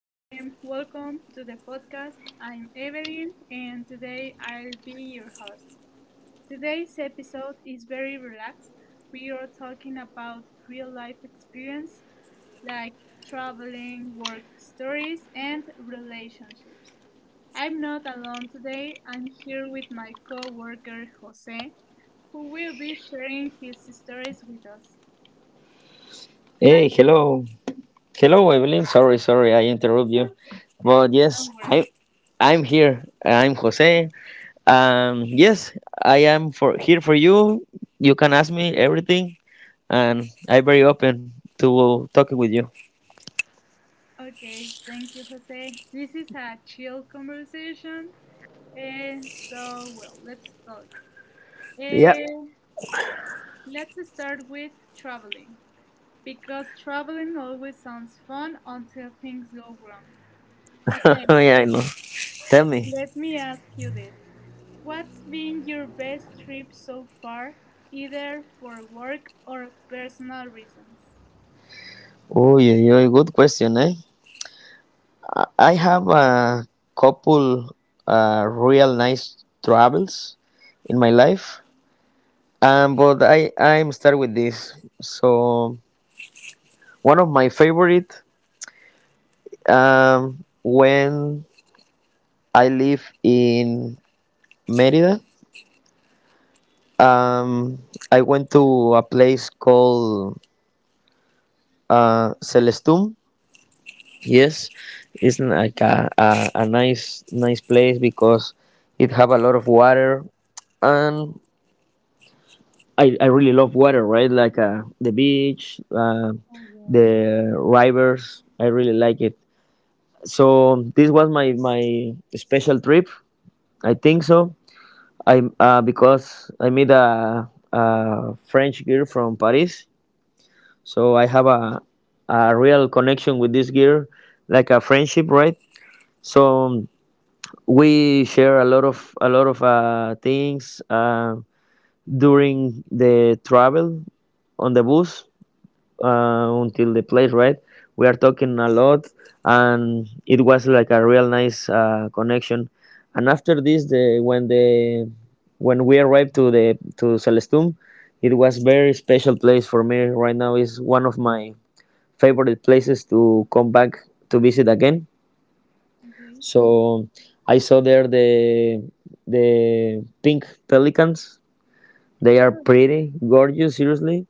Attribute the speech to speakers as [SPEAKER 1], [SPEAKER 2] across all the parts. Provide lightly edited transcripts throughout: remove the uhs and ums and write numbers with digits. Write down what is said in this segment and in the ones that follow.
[SPEAKER 1] welcome to the podcast. I'm Evelyn and today I'll be your host. Today's episode is very relaxed. We are talking about real life experience like traveling, work stories, and relationships. I'm not alone today, I'm here with my co worker Jose, who will be sharing his stories with us. Hi,
[SPEAKER 2] Hey, hello. Hello, Evelyn. Sorry, sorry, I interrupt you. But yes,
[SPEAKER 1] don't worry.
[SPEAKER 2] I'm here. I'm Jose. Yes, I am for here for you. You can ask me everything, and I'm very open to talking with you.
[SPEAKER 1] Okay, thank you, Jose. This is a chill conversation. Uh, so, let's talk.
[SPEAKER 2] Yeah,
[SPEAKER 1] Uh, let's start with traveling because traveling always sounds fun until things go wrong. Jose,
[SPEAKER 2] yeah, I know. Tell me.
[SPEAKER 1] let me ask you this. What's been your best trip so far, either for work or personal reasons?
[SPEAKER 2] Oh, yeah, good question, eh? I have a couple real nice travels in my life, but I'm start with this. So one of my favorite when I live in Mérida. Um, I went to a place called Celestum. Yes, it's like a nice place because it have a lot of water and I really love water, right? Like the beach,
[SPEAKER 1] Oh, yes.
[SPEAKER 2] the rivers. I really like it. So this was my special trip. I think so I because I met a French girl from Paris, so I have a real connection with this girl, like a friendship, right? So we share a lot of things during the travel on the bus until the place, right? We are
[SPEAKER 1] Mhm.
[SPEAKER 2] talking a lot, and it was like a real nice connection. And after this, the when we arrived to the to Celestum, it was very special place for me. Right now is one of my favorite places to come back to visit again.
[SPEAKER 1] Okay.
[SPEAKER 2] So I saw there the pink pelicans. They are
[SPEAKER 1] Oh, okay.
[SPEAKER 2] pretty gorgeous, seriously,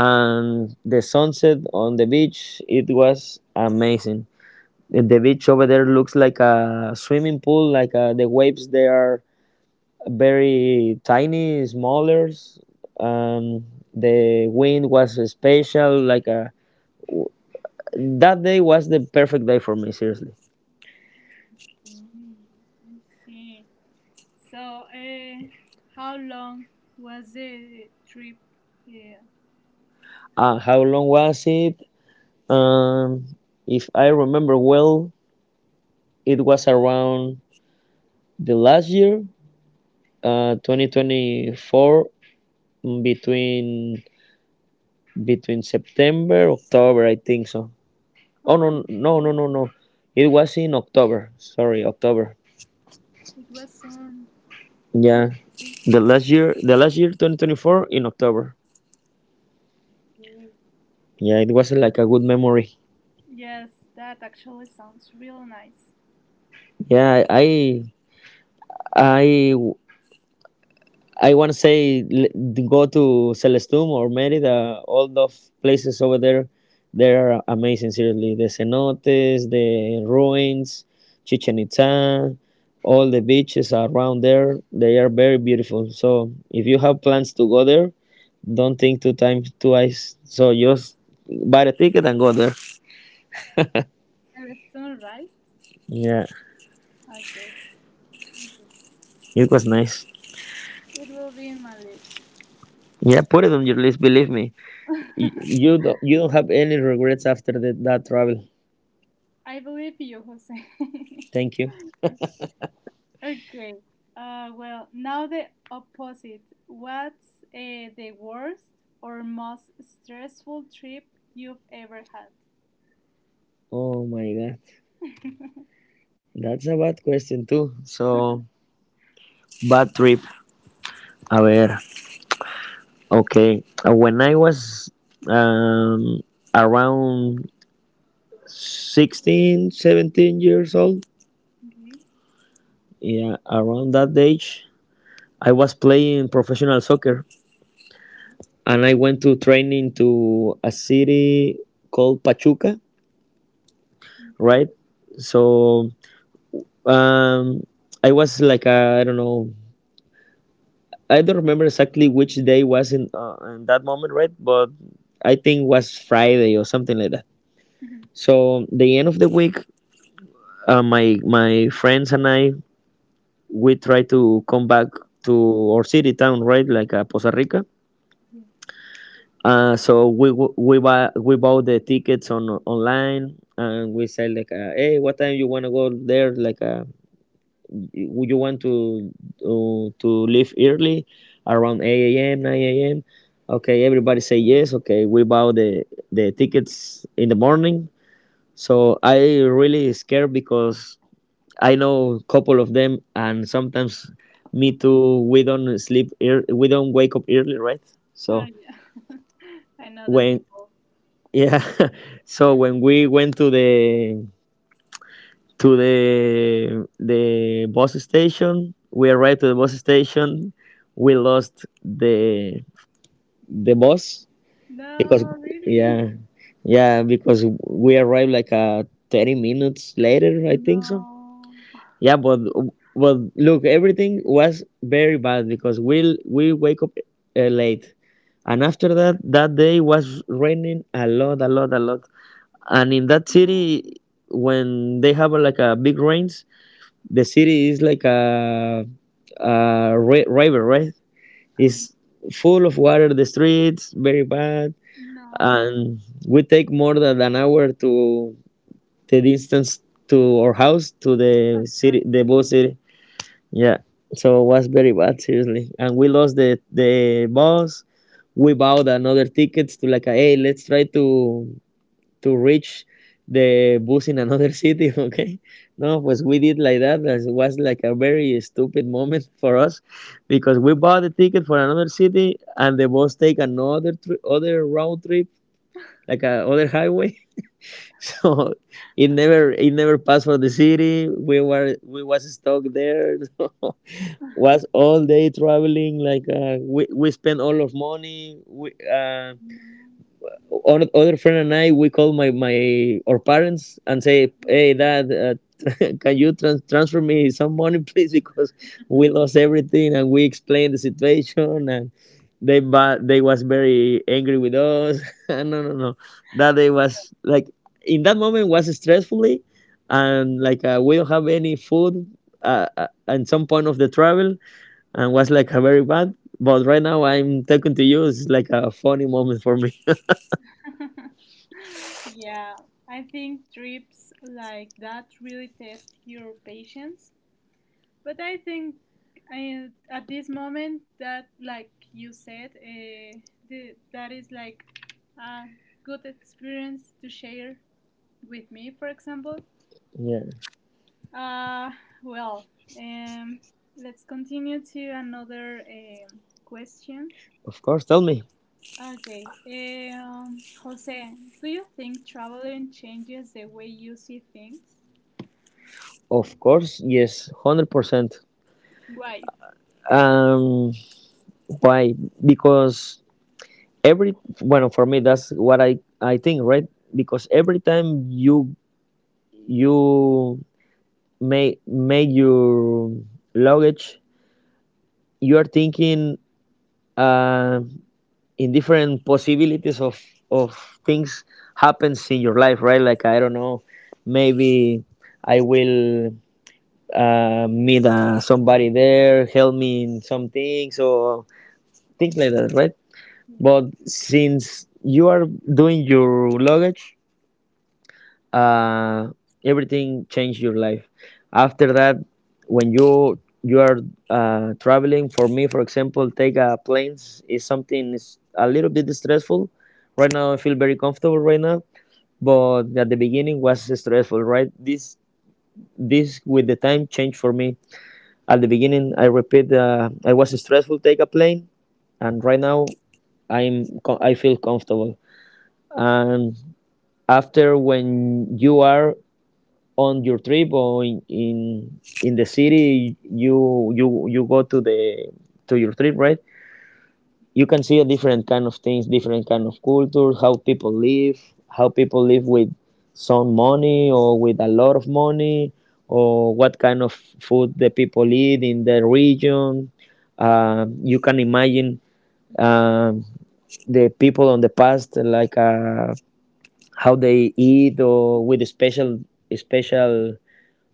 [SPEAKER 2] and the sunset on the beach it was amazing. The beach over there looks like a swimming pool, like the waves, they are very tiny smaller. um, the wind was special, like a, that day was the perfect day for me, seriously.
[SPEAKER 1] Okay. I see. So, how long was the trip? Yeah.
[SPEAKER 2] How long was it? um, if I remember well, it was around the last year, 2024, between between September, October, I think so. Oh
[SPEAKER 1] Oh,
[SPEAKER 2] no, no, no,
[SPEAKER 1] okay.
[SPEAKER 2] no, no. It was in October. Sorry, October.
[SPEAKER 1] It was soon.
[SPEAKER 2] Yeah,
[SPEAKER 1] Okay.
[SPEAKER 2] the last year, 2024, in October.
[SPEAKER 1] Okay.
[SPEAKER 2] Yeah, it was like a good memory.
[SPEAKER 1] Yes, that actually sounds real nice.
[SPEAKER 2] Yeah, I want to say go to Celestum or Merida. All those places over there, they are amazing. Seriously, the cenotes, the ruins, Chichen Itza, all the beaches around there. They are very beautiful. So if you have plans to go there, don't think two times twice. So just buy the ticket and go there.
[SPEAKER 1] Very soon, right?
[SPEAKER 2] Yeah,
[SPEAKER 1] Okay. Okay.
[SPEAKER 2] it was nice.
[SPEAKER 1] It will be in my list.
[SPEAKER 2] Yeah, put it on your list. Believe me, you don't, you don't have any regrets after that travel.
[SPEAKER 1] I believe you, Jose.
[SPEAKER 2] Thank you.
[SPEAKER 1] Okay. Well, now the opposite. What's the worst or most stressful trip you've ever had?
[SPEAKER 2] Oh my God. That's a bad question too. So bad trip. A ver. Okay. When I was um around 16, 17 years old,
[SPEAKER 1] Okay.
[SPEAKER 2] yeah, around that age, I was playing professional soccer and I went to training to a city called Pachuca, right?
[SPEAKER 1] Okay.
[SPEAKER 2] So um I was like a, I don't know, I don't remember exactly which day was in that moment, right? But I think it was Friday or something like that.
[SPEAKER 1] Mhm.
[SPEAKER 2] So the end of the week, my friends and I, we try to come back to our city town, right? Like Poza Rica.
[SPEAKER 1] Yeah.
[SPEAKER 2] So we w- we buy we bought the tickets on online and we said like, hey, what time you wanna go there? Like, would you want to leave early, around 8 a.m., 9 a.m.? Okay, everybody say yes. Okay, we buy the tickets in the morning. So I really scared because I know a couple of them, and sometimes me too. We don't sleep. We don't wake up early, right?
[SPEAKER 1] Oh,
[SPEAKER 2] So
[SPEAKER 1] yeah. I know that
[SPEAKER 2] when
[SPEAKER 1] people.
[SPEAKER 2] yeah, so when we went to the the bus station. We arrived to the bus station. We lost the bus because
[SPEAKER 1] No, really?
[SPEAKER 2] yeah, yeah, because we arrived like 30 minutes later I think so.
[SPEAKER 1] No.
[SPEAKER 2] Yeah, but look, everything was very bad because we wake up late, and after that, that day was raining a lot, a lot, a lot. And in that city,
[SPEAKER 1] No.
[SPEAKER 2] when they have like a big rains, the city is like a, river, right?
[SPEAKER 1] Uh,
[SPEAKER 2] It's full of water. The streets very bad,
[SPEAKER 1] no.
[SPEAKER 2] and we take more than an hour to the distance to our house to
[SPEAKER 1] Oh
[SPEAKER 2] the
[SPEAKER 1] my
[SPEAKER 2] city, the bus
[SPEAKER 1] God.
[SPEAKER 2] city. Yeah, so it was very bad, seriously. And we lost the bus. We bought another tickets to, like, hey, let's try to reach the bus in another city, okay, no, was, we did like that, that was like a very stupid moment for us because we bought the ticket for another city and the bus take another other road trip, like a other highway so it never, it never passed for the city we were, we was stuck there. So was all day traveling, like we spent all of money, we
[SPEAKER 1] No.
[SPEAKER 2] our other friend and I, we call my my our parents and say,
[SPEAKER 1] Mm.
[SPEAKER 2] "Hey, dad, can you transfer me some money, please? Because we lost everything." And we explain the situation, and they, but they was very angry with us. No, no, no, that day was like, in that moment was stressfully, and like we don't have any food. At some point of the travel, and was like a very bad. But right now, I'm talking to you. It's like a funny moment for me.
[SPEAKER 1] Yeah, I think trips like that really test your patience. But I think I, at this moment that, like you said, the, that is like a good experience to share with me, for example.
[SPEAKER 2] Yeah.
[SPEAKER 1] Uh, well, um, let's continue to another question.
[SPEAKER 2] Of course, tell me.
[SPEAKER 1] Okay, Jose, do you think traveling changes the way you see things?
[SPEAKER 2] Of course, yes, 100%.
[SPEAKER 1] Why?
[SPEAKER 2] Um, why? Because every, well, for me, that's what I think, right? Because every time you you make your luggage, you are thinking uh, in different possibilities of things happens in your life, right? Like I don't know, maybe I will meet somebody there, help me in some things or things like that, right?
[SPEAKER 1] Yeah.
[SPEAKER 2] But since you are doing your luggage, uh, everything changed your life. After that, when you are traveling, for me, for example, take planes is something is a little bit stressful. Right now, I feel very comfortable right now, but at the beginning was stressful, right? This with the time changed for me. At the beginning, I repeat, I was stressful, take a plane, and right now I'm I feel comfortable. And after when you are on your trip or in the city, you go to the to your trip, right? You can see a different kind of things, different kind of culture, how people live with some money or with a lot of money, or what kind of food the people eat in the region. You can imagine um, the people on the past, like how they eat or with special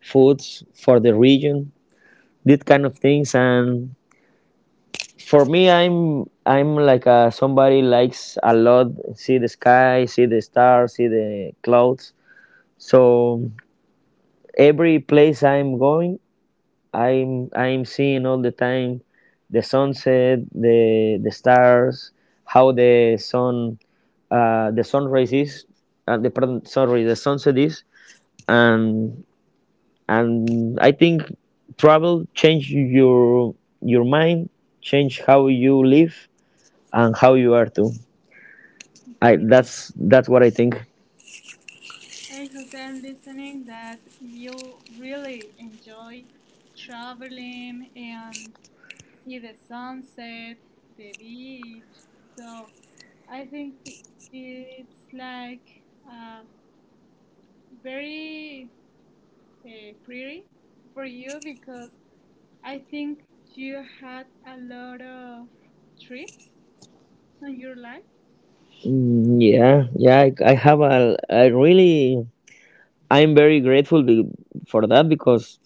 [SPEAKER 2] foods for the region. These kind of things. And for me, i'm like a, somebody likes a lot see the sky, see the stars, see the clouds. So every place I'm going, i'm seeing all the time the sunset, the stars, how the sun, the sun rays is, the pardon, sorry the sunset is. and and I think travel change your mind, change how you live and how you are too. I
[SPEAKER 1] Okay.
[SPEAKER 2] that's what I think.
[SPEAKER 1] Hey, Jose, I'm listening that you really enjoy traveling and see the sunset, the beach. So, I think it's like uh, very pretty for you because I think you had a lot of trips in your life.
[SPEAKER 2] Yeah, yeah. I have a. I really. I'm very grateful for that because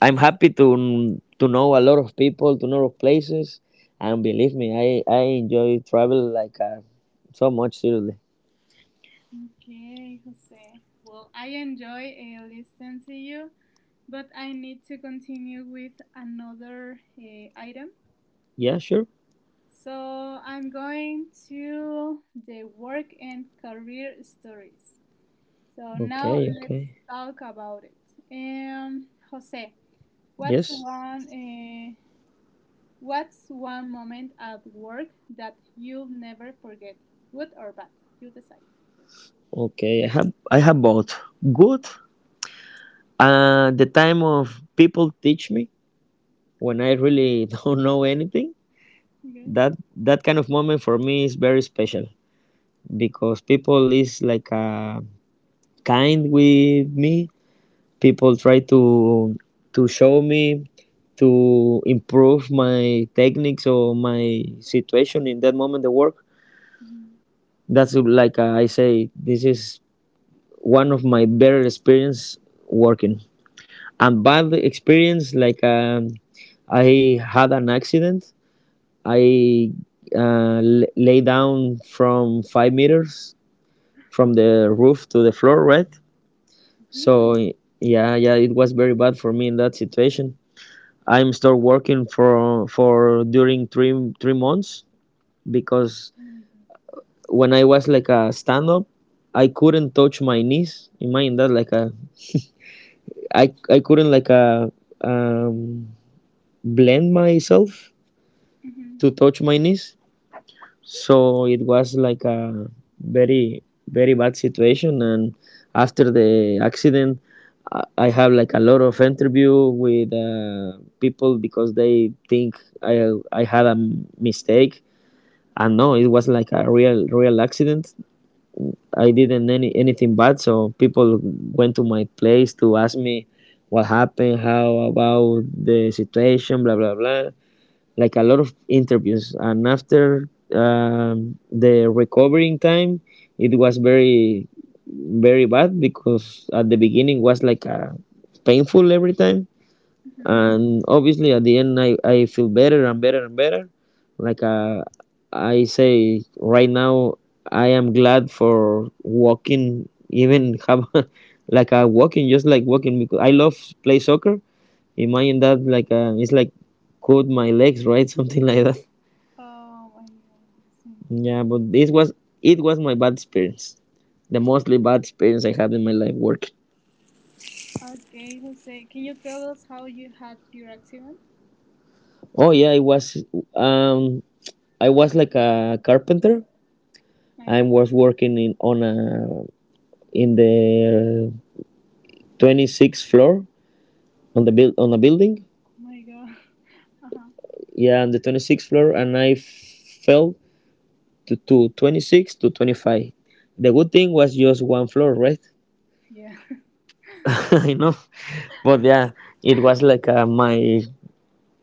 [SPEAKER 2] I'm happy to know a lot of people, to know of places, and believe me, I enjoy travel like so much, seriously.
[SPEAKER 1] Okay, Jose. Well, I enjoy listening to you, but I need to continue with another item.
[SPEAKER 2] Yeah, sure.
[SPEAKER 1] So I'm going to the work and career stories. So now
[SPEAKER 2] Okay,
[SPEAKER 1] let's
[SPEAKER 2] okay.
[SPEAKER 1] talk about it. Jose, what's
[SPEAKER 2] Yes.
[SPEAKER 1] one uh, what's one moment at work that you'll never forget, good or bad? You decide.
[SPEAKER 2] Okay. I have both. Good. The time of people teach me when I really don't know anything,
[SPEAKER 1] Okay.
[SPEAKER 2] that, that kind of moment for me is very special because people is like kind with me, people try to show me to improve my techniques or my situation in that moment the work.
[SPEAKER 1] Mhm.
[SPEAKER 2] That's like I say this is one of my better experience working. And bad experience, like I had an accident. i lay down from 5 meters from the roof to the floor, right? So
[SPEAKER 1] Really?
[SPEAKER 2] yeah, yeah, it was very bad for me in that situation. I'm still working for during three months because
[SPEAKER 1] Oh my god.
[SPEAKER 2] when I was like a stand up, I couldn't touch my knees. Imagine that, like a I couldn't like a um, blend myself
[SPEAKER 1] Mm-hmm.
[SPEAKER 2] to touch my knees. So it was like a very very bad situation. And after the accident, I have like a lot of interview with people because they think i I had a mistake. And no, it was like a real accident. I didn't anything bad. So people went to my place to ask me what happened, how about the situation, blah blah blah, like a lot of interviews. And after the recovering time, it was very bad because at the beginning was like a painful every time.
[SPEAKER 1] Hmm.
[SPEAKER 2] And obviously at the end, I feel better and better and better. Like I say right now, I am glad for walking, even have like a walking, just like walking, because I love play soccer. Imagine that, like it's like cut my legs, right? Something like that.
[SPEAKER 1] Oh my god. Jose.
[SPEAKER 2] Yeah, but this was it was my bad experience, the mostly bad experience I had in my life working.
[SPEAKER 1] Okay, Jose, can you tell us how you had your accident?
[SPEAKER 2] Oh yeah, I was um I was like a carpenter. I
[SPEAKER 1] Okay.
[SPEAKER 2] was working in on a, in the 26th floor, on the build on a building.
[SPEAKER 1] Oh my god. Uh huh.
[SPEAKER 2] Yeah, on the 26th floor, and I fell to 26 to 25. The good thing was just one floor, right?
[SPEAKER 1] Yeah.
[SPEAKER 2] I know, but yeah, it was like my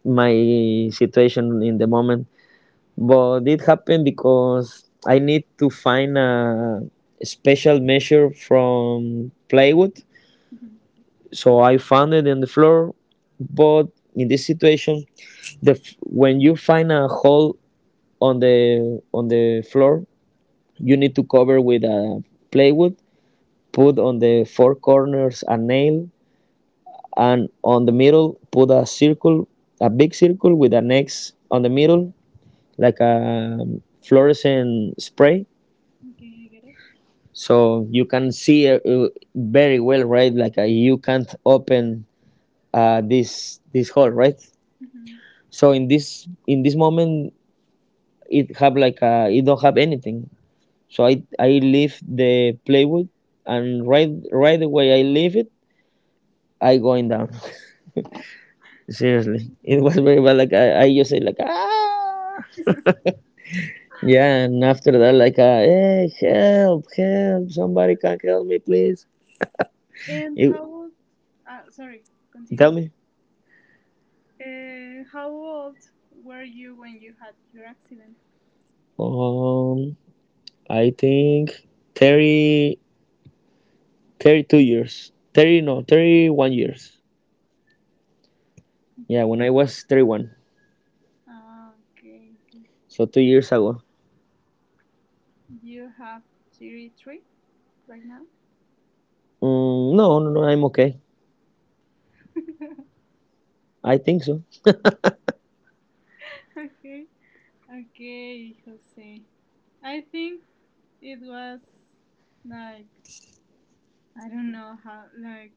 [SPEAKER 2] my situation in the moment. But it happened because I need to find a special measure from plywood,
[SPEAKER 1] Mhm.
[SPEAKER 2] so I found it in the floor. But in this situation, the when you find a hole on the floor, you need to cover with a plywood. Put on the four corners a nail, and on the middle put a circle, a big circle with an X on the middle, like a fluorescent spray.
[SPEAKER 1] Okay, I get it.
[SPEAKER 2] So you can see very well, right? Like you can't open this hole, right? So in this moment, it have like a, it don't have anything. So I leave the plywood, and right away I leave it, I going down. Seriously,
[SPEAKER 1] Mm-hmm.
[SPEAKER 2] it was very bad. Like I just say like, ah, yeah. And after that, like hey, help, help, somebody can help me please.
[SPEAKER 1] And
[SPEAKER 2] You
[SPEAKER 1] how old? Ah, sorry,
[SPEAKER 2] tell
[SPEAKER 1] continue.
[SPEAKER 2] me.
[SPEAKER 1] How old were you when you had your accident?
[SPEAKER 2] Um, I think 30 32 years. 30, no, 31 years. Yeah,
[SPEAKER 1] Okay.
[SPEAKER 2] when I was 31,
[SPEAKER 1] Ah, okay. Okay.
[SPEAKER 2] so 2 years ago.
[SPEAKER 1] You have 33 right now?
[SPEAKER 2] Mm, no, no, no, I'm okay. I think so.
[SPEAKER 1] Okay. Okay, Jose. I think it was like, I don't know how, like,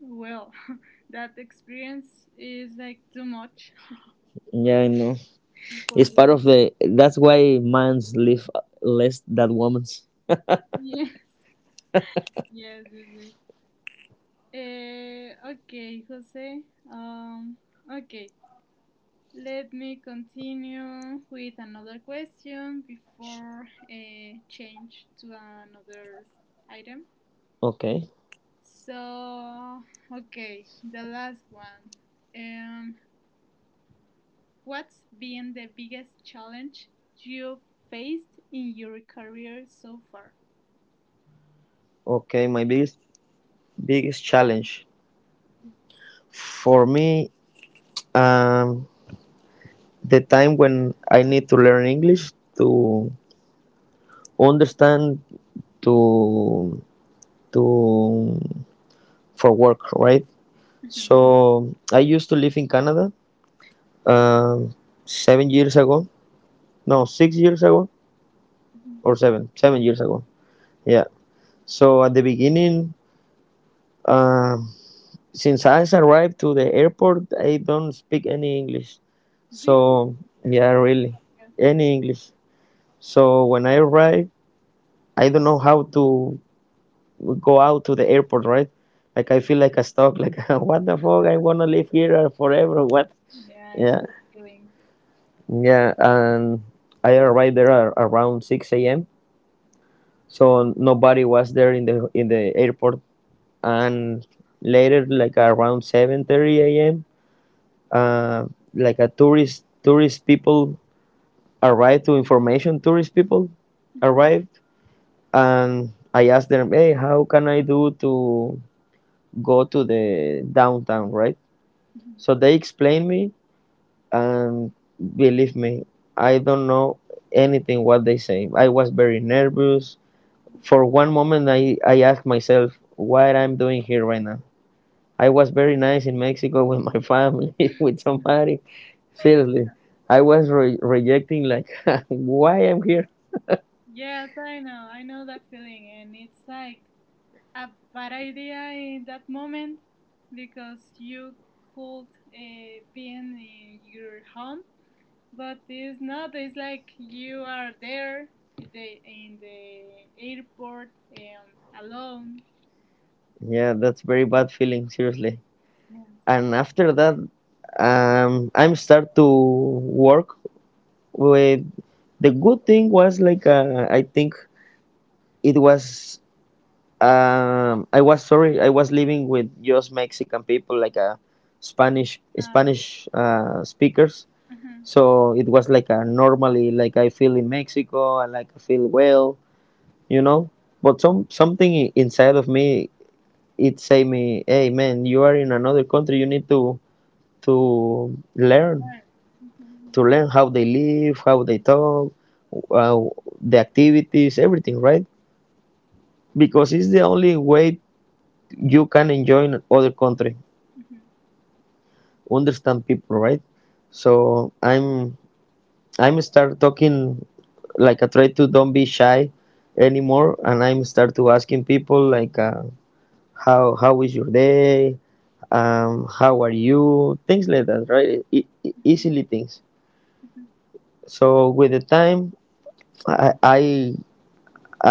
[SPEAKER 1] well, that experience is like too much
[SPEAKER 2] Yeah, I know.
[SPEAKER 1] for
[SPEAKER 2] It's part
[SPEAKER 1] one.
[SPEAKER 2] of the. That's why man's live less than women's.
[SPEAKER 1] Yeah. Yes, yes, yes. Eh, okay, Jose. Um, okay, let me continue with another question before change to another item.
[SPEAKER 2] Okay.
[SPEAKER 1] So, okay, the last one. Um, what's been the biggest challenge you faced in your career so far?
[SPEAKER 2] Okay, my biggest challenge
[SPEAKER 1] Yes.
[SPEAKER 2] for me, um, the time when I need to learn English to understand, to to for work, right?
[SPEAKER 1] Mhm,
[SPEAKER 2] So I used to live in Canada um, 7 years ago. No, 6 years ago,
[SPEAKER 1] mhm.
[SPEAKER 2] or seven, 7 years ago. Yeah. So at the beginning, um, since I arrived to the airport, I don't speak any English.
[SPEAKER 1] Really?
[SPEAKER 2] So yeah, really,
[SPEAKER 1] Yeah.
[SPEAKER 2] any English. So when I arrived, I don't know how to go out to the airport, right? Like I feel like a stuck. Like what the fuck? I'm gonna live here forever. What?
[SPEAKER 1] Yeah, I
[SPEAKER 2] Yeah,
[SPEAKER 1] know the feeling.
[SPEAKER 2] yeah. And I arrived there around six a.m. So nobody was there in the airport. And later, like around 7:30 a.m. Uh, like a tourist people arrived to information tourist people
[SPEAKER 1] Mhm,
[SPEAKER 2] arrived. And I asked them, hey, how can I do to go to the downtown, right?
[SPEAKER 1] mhm.
[SPEAKER 2] So they explained me. And believe me, I don't know anything what they say. I was very nervous.
[SPEAKER 1] Um,
[SPEAKER 2] For one moment I asked myself what I'm doing here right now. I was very nice in Mexico with my family, with somebody. Seriously, I was rejecting like why I'm here.
[SPEAKER 1] Yes, I know. I know that feeling. And it's like a bad idea in that moment because you could be in your home, but it's not. It's like you are there in the airport, alone.
[SPEAKER 2] Yeah, that's very bad feeling. Seriously.
[SPEAKER 1] Yes.
[SPEAKER 2] And after that, I'm start to work with. The good thing was like I think it was. I was sorry. I was living with just Mexican people, like Spanish
[SPEAKER 1] Uh,
[SPEAKER 2] Spanish speakers.
[SPEAKER 1] mhm,
[SPEAKER 2] So it was like a normally like I feel in Mexico, and like I feel well, you know. But
[SPEAKER 1] mhm,
[SPEAKER 2] some something inside of me it say me, hey man, you are in another country. You need to learn
[SPEAKER 1] right. Mhm,
[SPEAKER 2] to
[SPEAKER 1] you-
[SPEAKER 2] learn how they live, how they talk, uh, the activities, everything, right? Because it's the only way you can enjoy in other country, understand people, right? So I'm start talking, like I try to don't be shy anymore. And I'm start to asking people like how is your day, how are you, things like that, right?
[SPEAKER 1] mhm,
[SPEAKER 2] Easily things.
[SPEAKER 1] mhm,
[SPEAKER 2] So with the time, I I,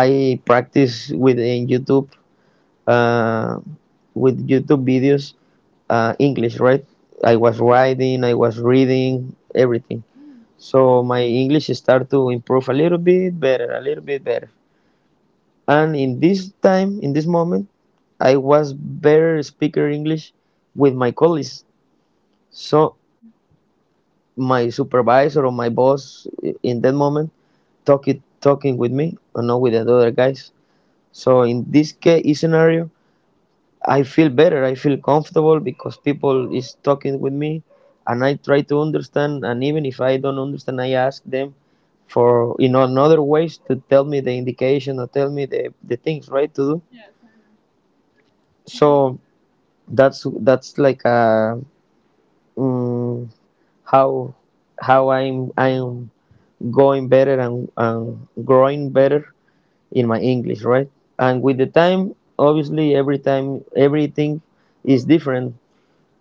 [SPEAKER 2] I practice with in YouTube, uh, with YouTube videos, English, right? I was writing, I was reading everything.
[SPEAKER 1] mhm, mhm.
[SPEAKER 2] So my English start to improve a little bit better, a little bit better. And in this time, in this moment, I was better speaker English with my colleagues. So my supervisor or my boss in that moment talking with me or not with the other guys. So in this case scenario, I feel better. I feel comfortable because people is talking with me, and I try to understand. And even if I don't understand, I ask them for another ways to tell me the indication or tell me the things right to do.
[SPEAKER 1] Yes, I know. Mhm,
[SPEAKER 2] So that's like mm, how I'm going better and growing better in my English, right? And with the time, obviously, every time everything is different.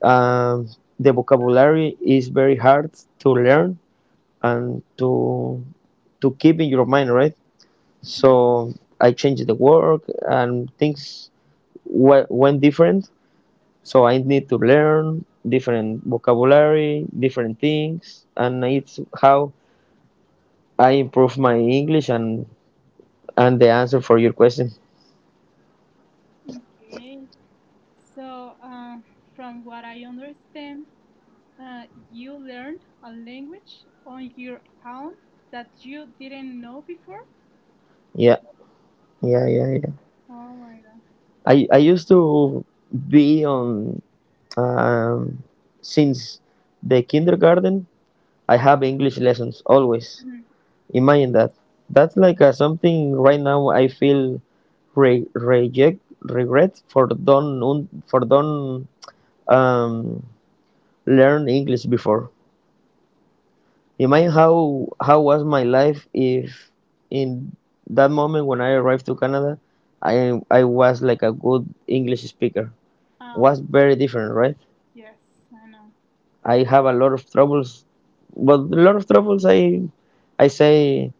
[SPEAKER 2] Um, the vocabulary is very hard to learn and to keep in your mind, right?
[SPEAKER 1] mhm.
[SPEAKER 2] So I changed the work, and things went different. So I need to learn different vocabulary, different things. And it's how I improve my English and the answer for your question.
[SPEAKER 1] Okay. So, from what I understand, uh, you learned a language on your own that you didn't know before.
[SPEAKER 2] Yeah, yeah, yeah, yeah.
[SPEAKER 1] Oh my God.
[SPEAKER 2] I used to be on um, since the kindergarten I have English lessons always.
[SPEAKER 1] Mhm.
[SPEAKER 2] Imagine that. That's like something right now I feel re- reject regret for don't un- for don't um, learn English before. Imagine how was my life if in that moment when I arrived to Canada, I was like a good English speaker.
[SPEAKER 1] Ah,
[SPEAKER 2] Was very different, right?
[SPEAKER 1] yes, I know.
[SPEAKER 2] I have a lot of troubles. But a lot of troubles, I say,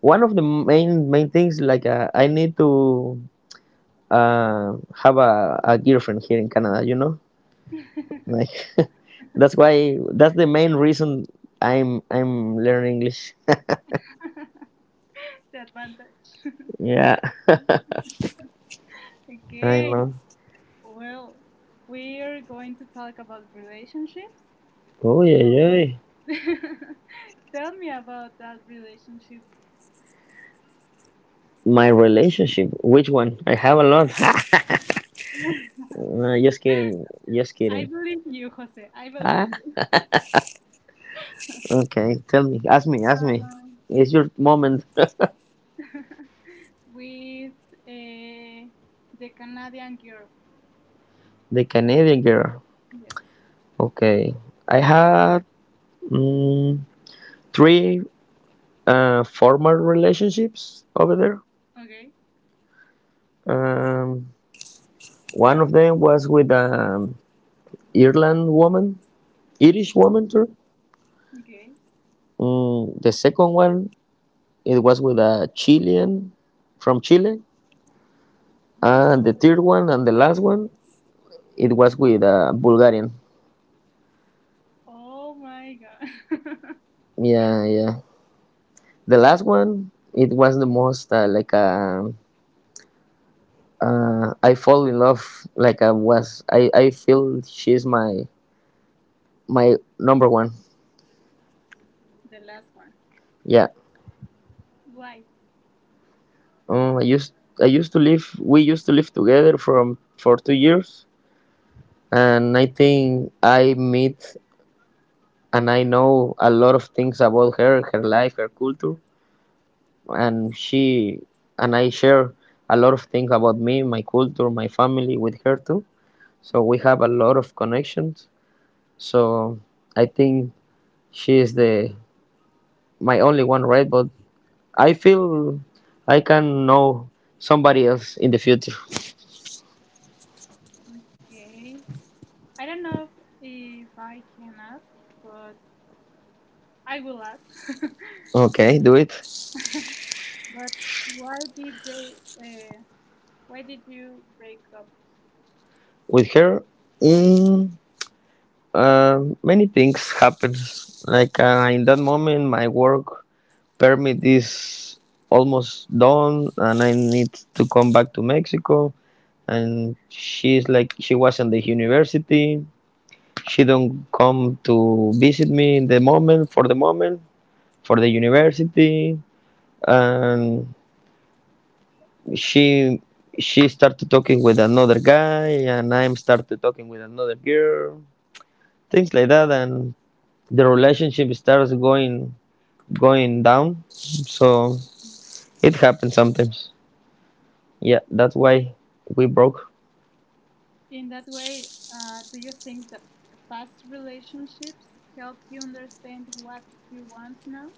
[SPEAKER 2] one of the main things, like I need to have a girlfriend here in Canada. You know, like that's why that's the main reason I'm learning English.
[SPEAKER 1] The advantage.
[SPEAKER 2] Yeah, I
[SPEAKER 1] Okay,
[SPEAKER 2] know.
[SPEAKER 1] well, we're going to talk about relationships.
[SPEAKER 2] Oh yeah,
[SPEAKER 1] So,
[SPEAKER 2] yeah.
[SPEAKER 1] tell me about that relationship.
[SPEAKER 2] My relationship, which one? I have a lot. Just kidding, just
[SPEAKER 1] I
[SPEAKER 2] kidding.
[SPEAKER 1] believe you, Jose. I believe
[SPEAKER 2] Ah,
[SPEAKER 1] you.
[SPEAKER 2] okay. Tell me, ask me, ask me.
[SPEAKER 1] Um,
[SPEAKER 2] It's your moment.
[SPEAKER 1] with uh, the Canadian girl.
[SPEAKER 2] The Canadian girl.
[SPEAKER 1] Yes.
[SPEAKER 2] Okay, I had, mm, three former relationships over there.
[SPEAKER 1] Okay.
[SPEAKER 2] Um, one of them was with an Ireland woman, Irish woman. Sorry.
[SPEAKER 1] Okay.
[SPEAKER 2] Mm, the second one, it was with a Chilean from Chile.
[SPEAKER 1] Mm.
[SPEAKER 2] And the third one and the last one, it was with a Bulgarian.
[SPEAKER 1] Oh my god.
[SPEAKER 2] Yeah, yeah. The
[SPEAKER 1] So
[SPEAKER 2] last one, it was the most like I fall in love, like I was, I feel she's my my number one.
[SPEAKER 1] the last one.
[SPEAKER 2] Yeah.
[SPEAKER 1] Why?
[SPEAKER 2] Um, I used I used to live. We used to live together from for 2 years. And I think I meet and I know a lot of things about her, her life, her culture, and she and I share a lot of things about me, my culture, my family with her too. So we have a lot of connections. So I think she is the my only one, right? But I feel I can know somebody else in the future.
[SPEAKER 1] Okay. I don't know if I can ask, but I will ask.
[SPEAKER 2] Okay,
[SPEAKER 1] Um,
[SPEAKER 2] do it.
[SPEAKER 1] but why did they? Why did you break up?
[SPEAKER 2] With her, mm, many things happened, like in that moment my work permit is almost done and I need to come back to Mexico. And she's like, she was in the university. She don't come to visit me in the moment, for the moment, for the university. And she she started talking with another guy, and I'm started talking with another girl, things like that. And the relationship starts going down. So it happens sometimes. Yeah, that's why we broke.
[SPEAKER 1] In that way, do you think that past relationships help you understand what you want now?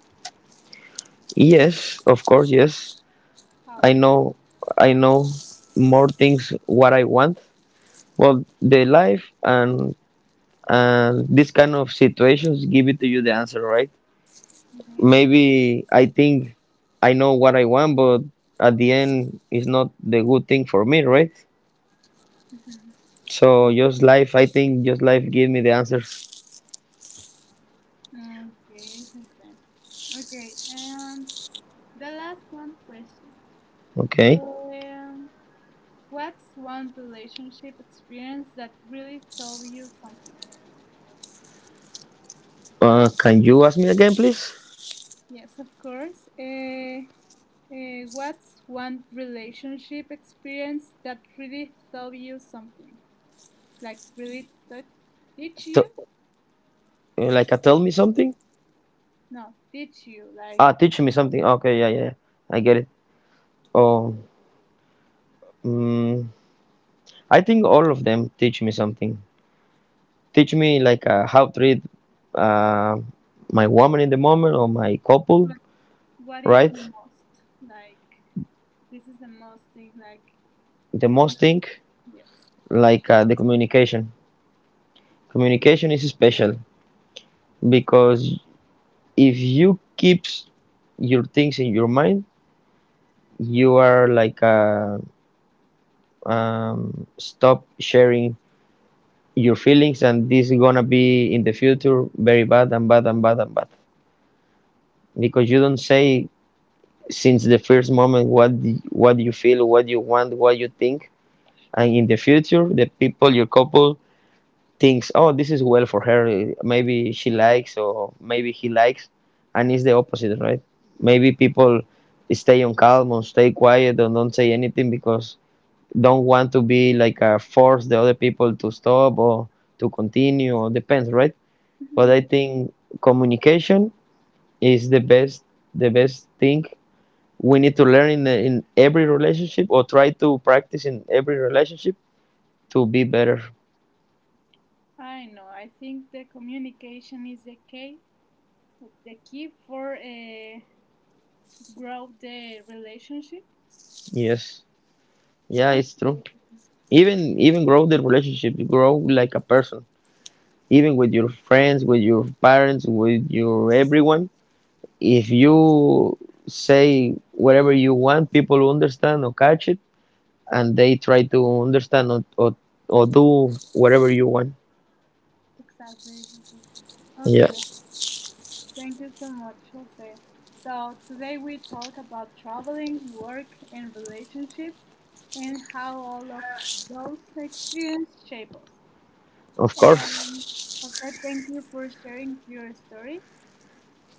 [SPEAKER 2] Yes, of course, yes.
[SPEAKER 1] How?
[SPEAKER 2] I know, I know more things what I want. Well, the life and this kind of situations give it to you the answer, right?
[SPEAKER 1] Okay.
[SPEAKER 2] Maybe I think I know what I want, but at the end it's not the good thing for me, right?
[SPEAKER 1] Mhm.
[SPEAKER 2] So just life, I think just life give me the answers.
[SPEAKER 1] Okay, Jose. Okay, and the last one question.
[SPEAKER 2] Okay.
[SPEAKER 1] Um, what's one relationship experience that really taught you something?
[SPEAKER 2] Can you ask me again, please?
[SPEAKER 1] Yes, of course. What's one relationship experience that really taught you something? Like really taught teach
[SPEAKER 2] T-
[SPEAKER 1] you?
[SPEAKER 2] like, tell me something.
[SPEAKER 1] No, teach you
[SPEAKER 2] Ah,
[SPEAKER 1] like
[SPEAKER 2] teach me something. Okay, yeah, yeah, yeah. I get it. Oh, mm, I think all of them teach me something. Teach me like how to treat uh, my woman in the moment or my couple,
[SPEAKER 1] what, what is
[SPEAKER 2] right?
[SPEAKER 1] the most? Like this is the most thing like
[SPEAKER 2] The most
[SPEAKER 1] Mhm.
[SPEAKER 2] thing,
[SPEAKER 1] Yes.
[SPEAKER 2] like the communication. Communication is special because if you keep your things in your mind, you are like stop sharing your feelings, and this is gonna be in the future very bad and bad and bad and bad because you don't say since the first moment what you feel, what you want, what you think. And in the future, the people, your couple, thinks, oh, this is well for her, maybe she likes, or maybe he likes. And it's the opposite, right? Maybe people stay on calm or stay quiet and don't say anything because don't want to be like force the other people to stop or to continue or depends, right? But I
[SPEAKER 1] Mhm.
[SPEAKER 2] think communication is the best, the best thing we need to learn in every relationship, or try to practice in every relationship to be better.
[SPEAKER 1] I know. I think the communication is the key for grow the relationship.
[SPEAKER 2] Yes, yeah,
[SPEAKER 1] Okay,
[SPEAKER 2] it's true. Even even grow the relationship, grow like a person, even with your friends, with your parents, with your everyone. If you say whatever you want, people will understand or catch it, and they try to understand or do whatever you want.
[SPEAKER 1] exactly. Jose.
[SPEAKER 2] Yeah,
[SPEAKER 1] Okay, thank you so much, Jose. So today we talk about traveling, work, and relationships, and how all of those experiences shape us.
[SPEAKER 2] of
[SPEAKER 1] Um,
[SPEAKER 2] course.
[SPEAKER 1] Jose, thank you for sharing your stories.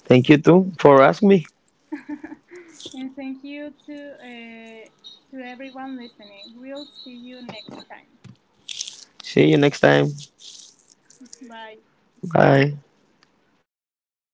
[SPEAKER 2] Thank you too for asking me.
[SPEAKER 1] And thank you to everyone listening. We'll see you next time.
[SPEAKER 2] See you next time.
[SPEAKER 1] Bye.
[SPEAKER 2] Bye.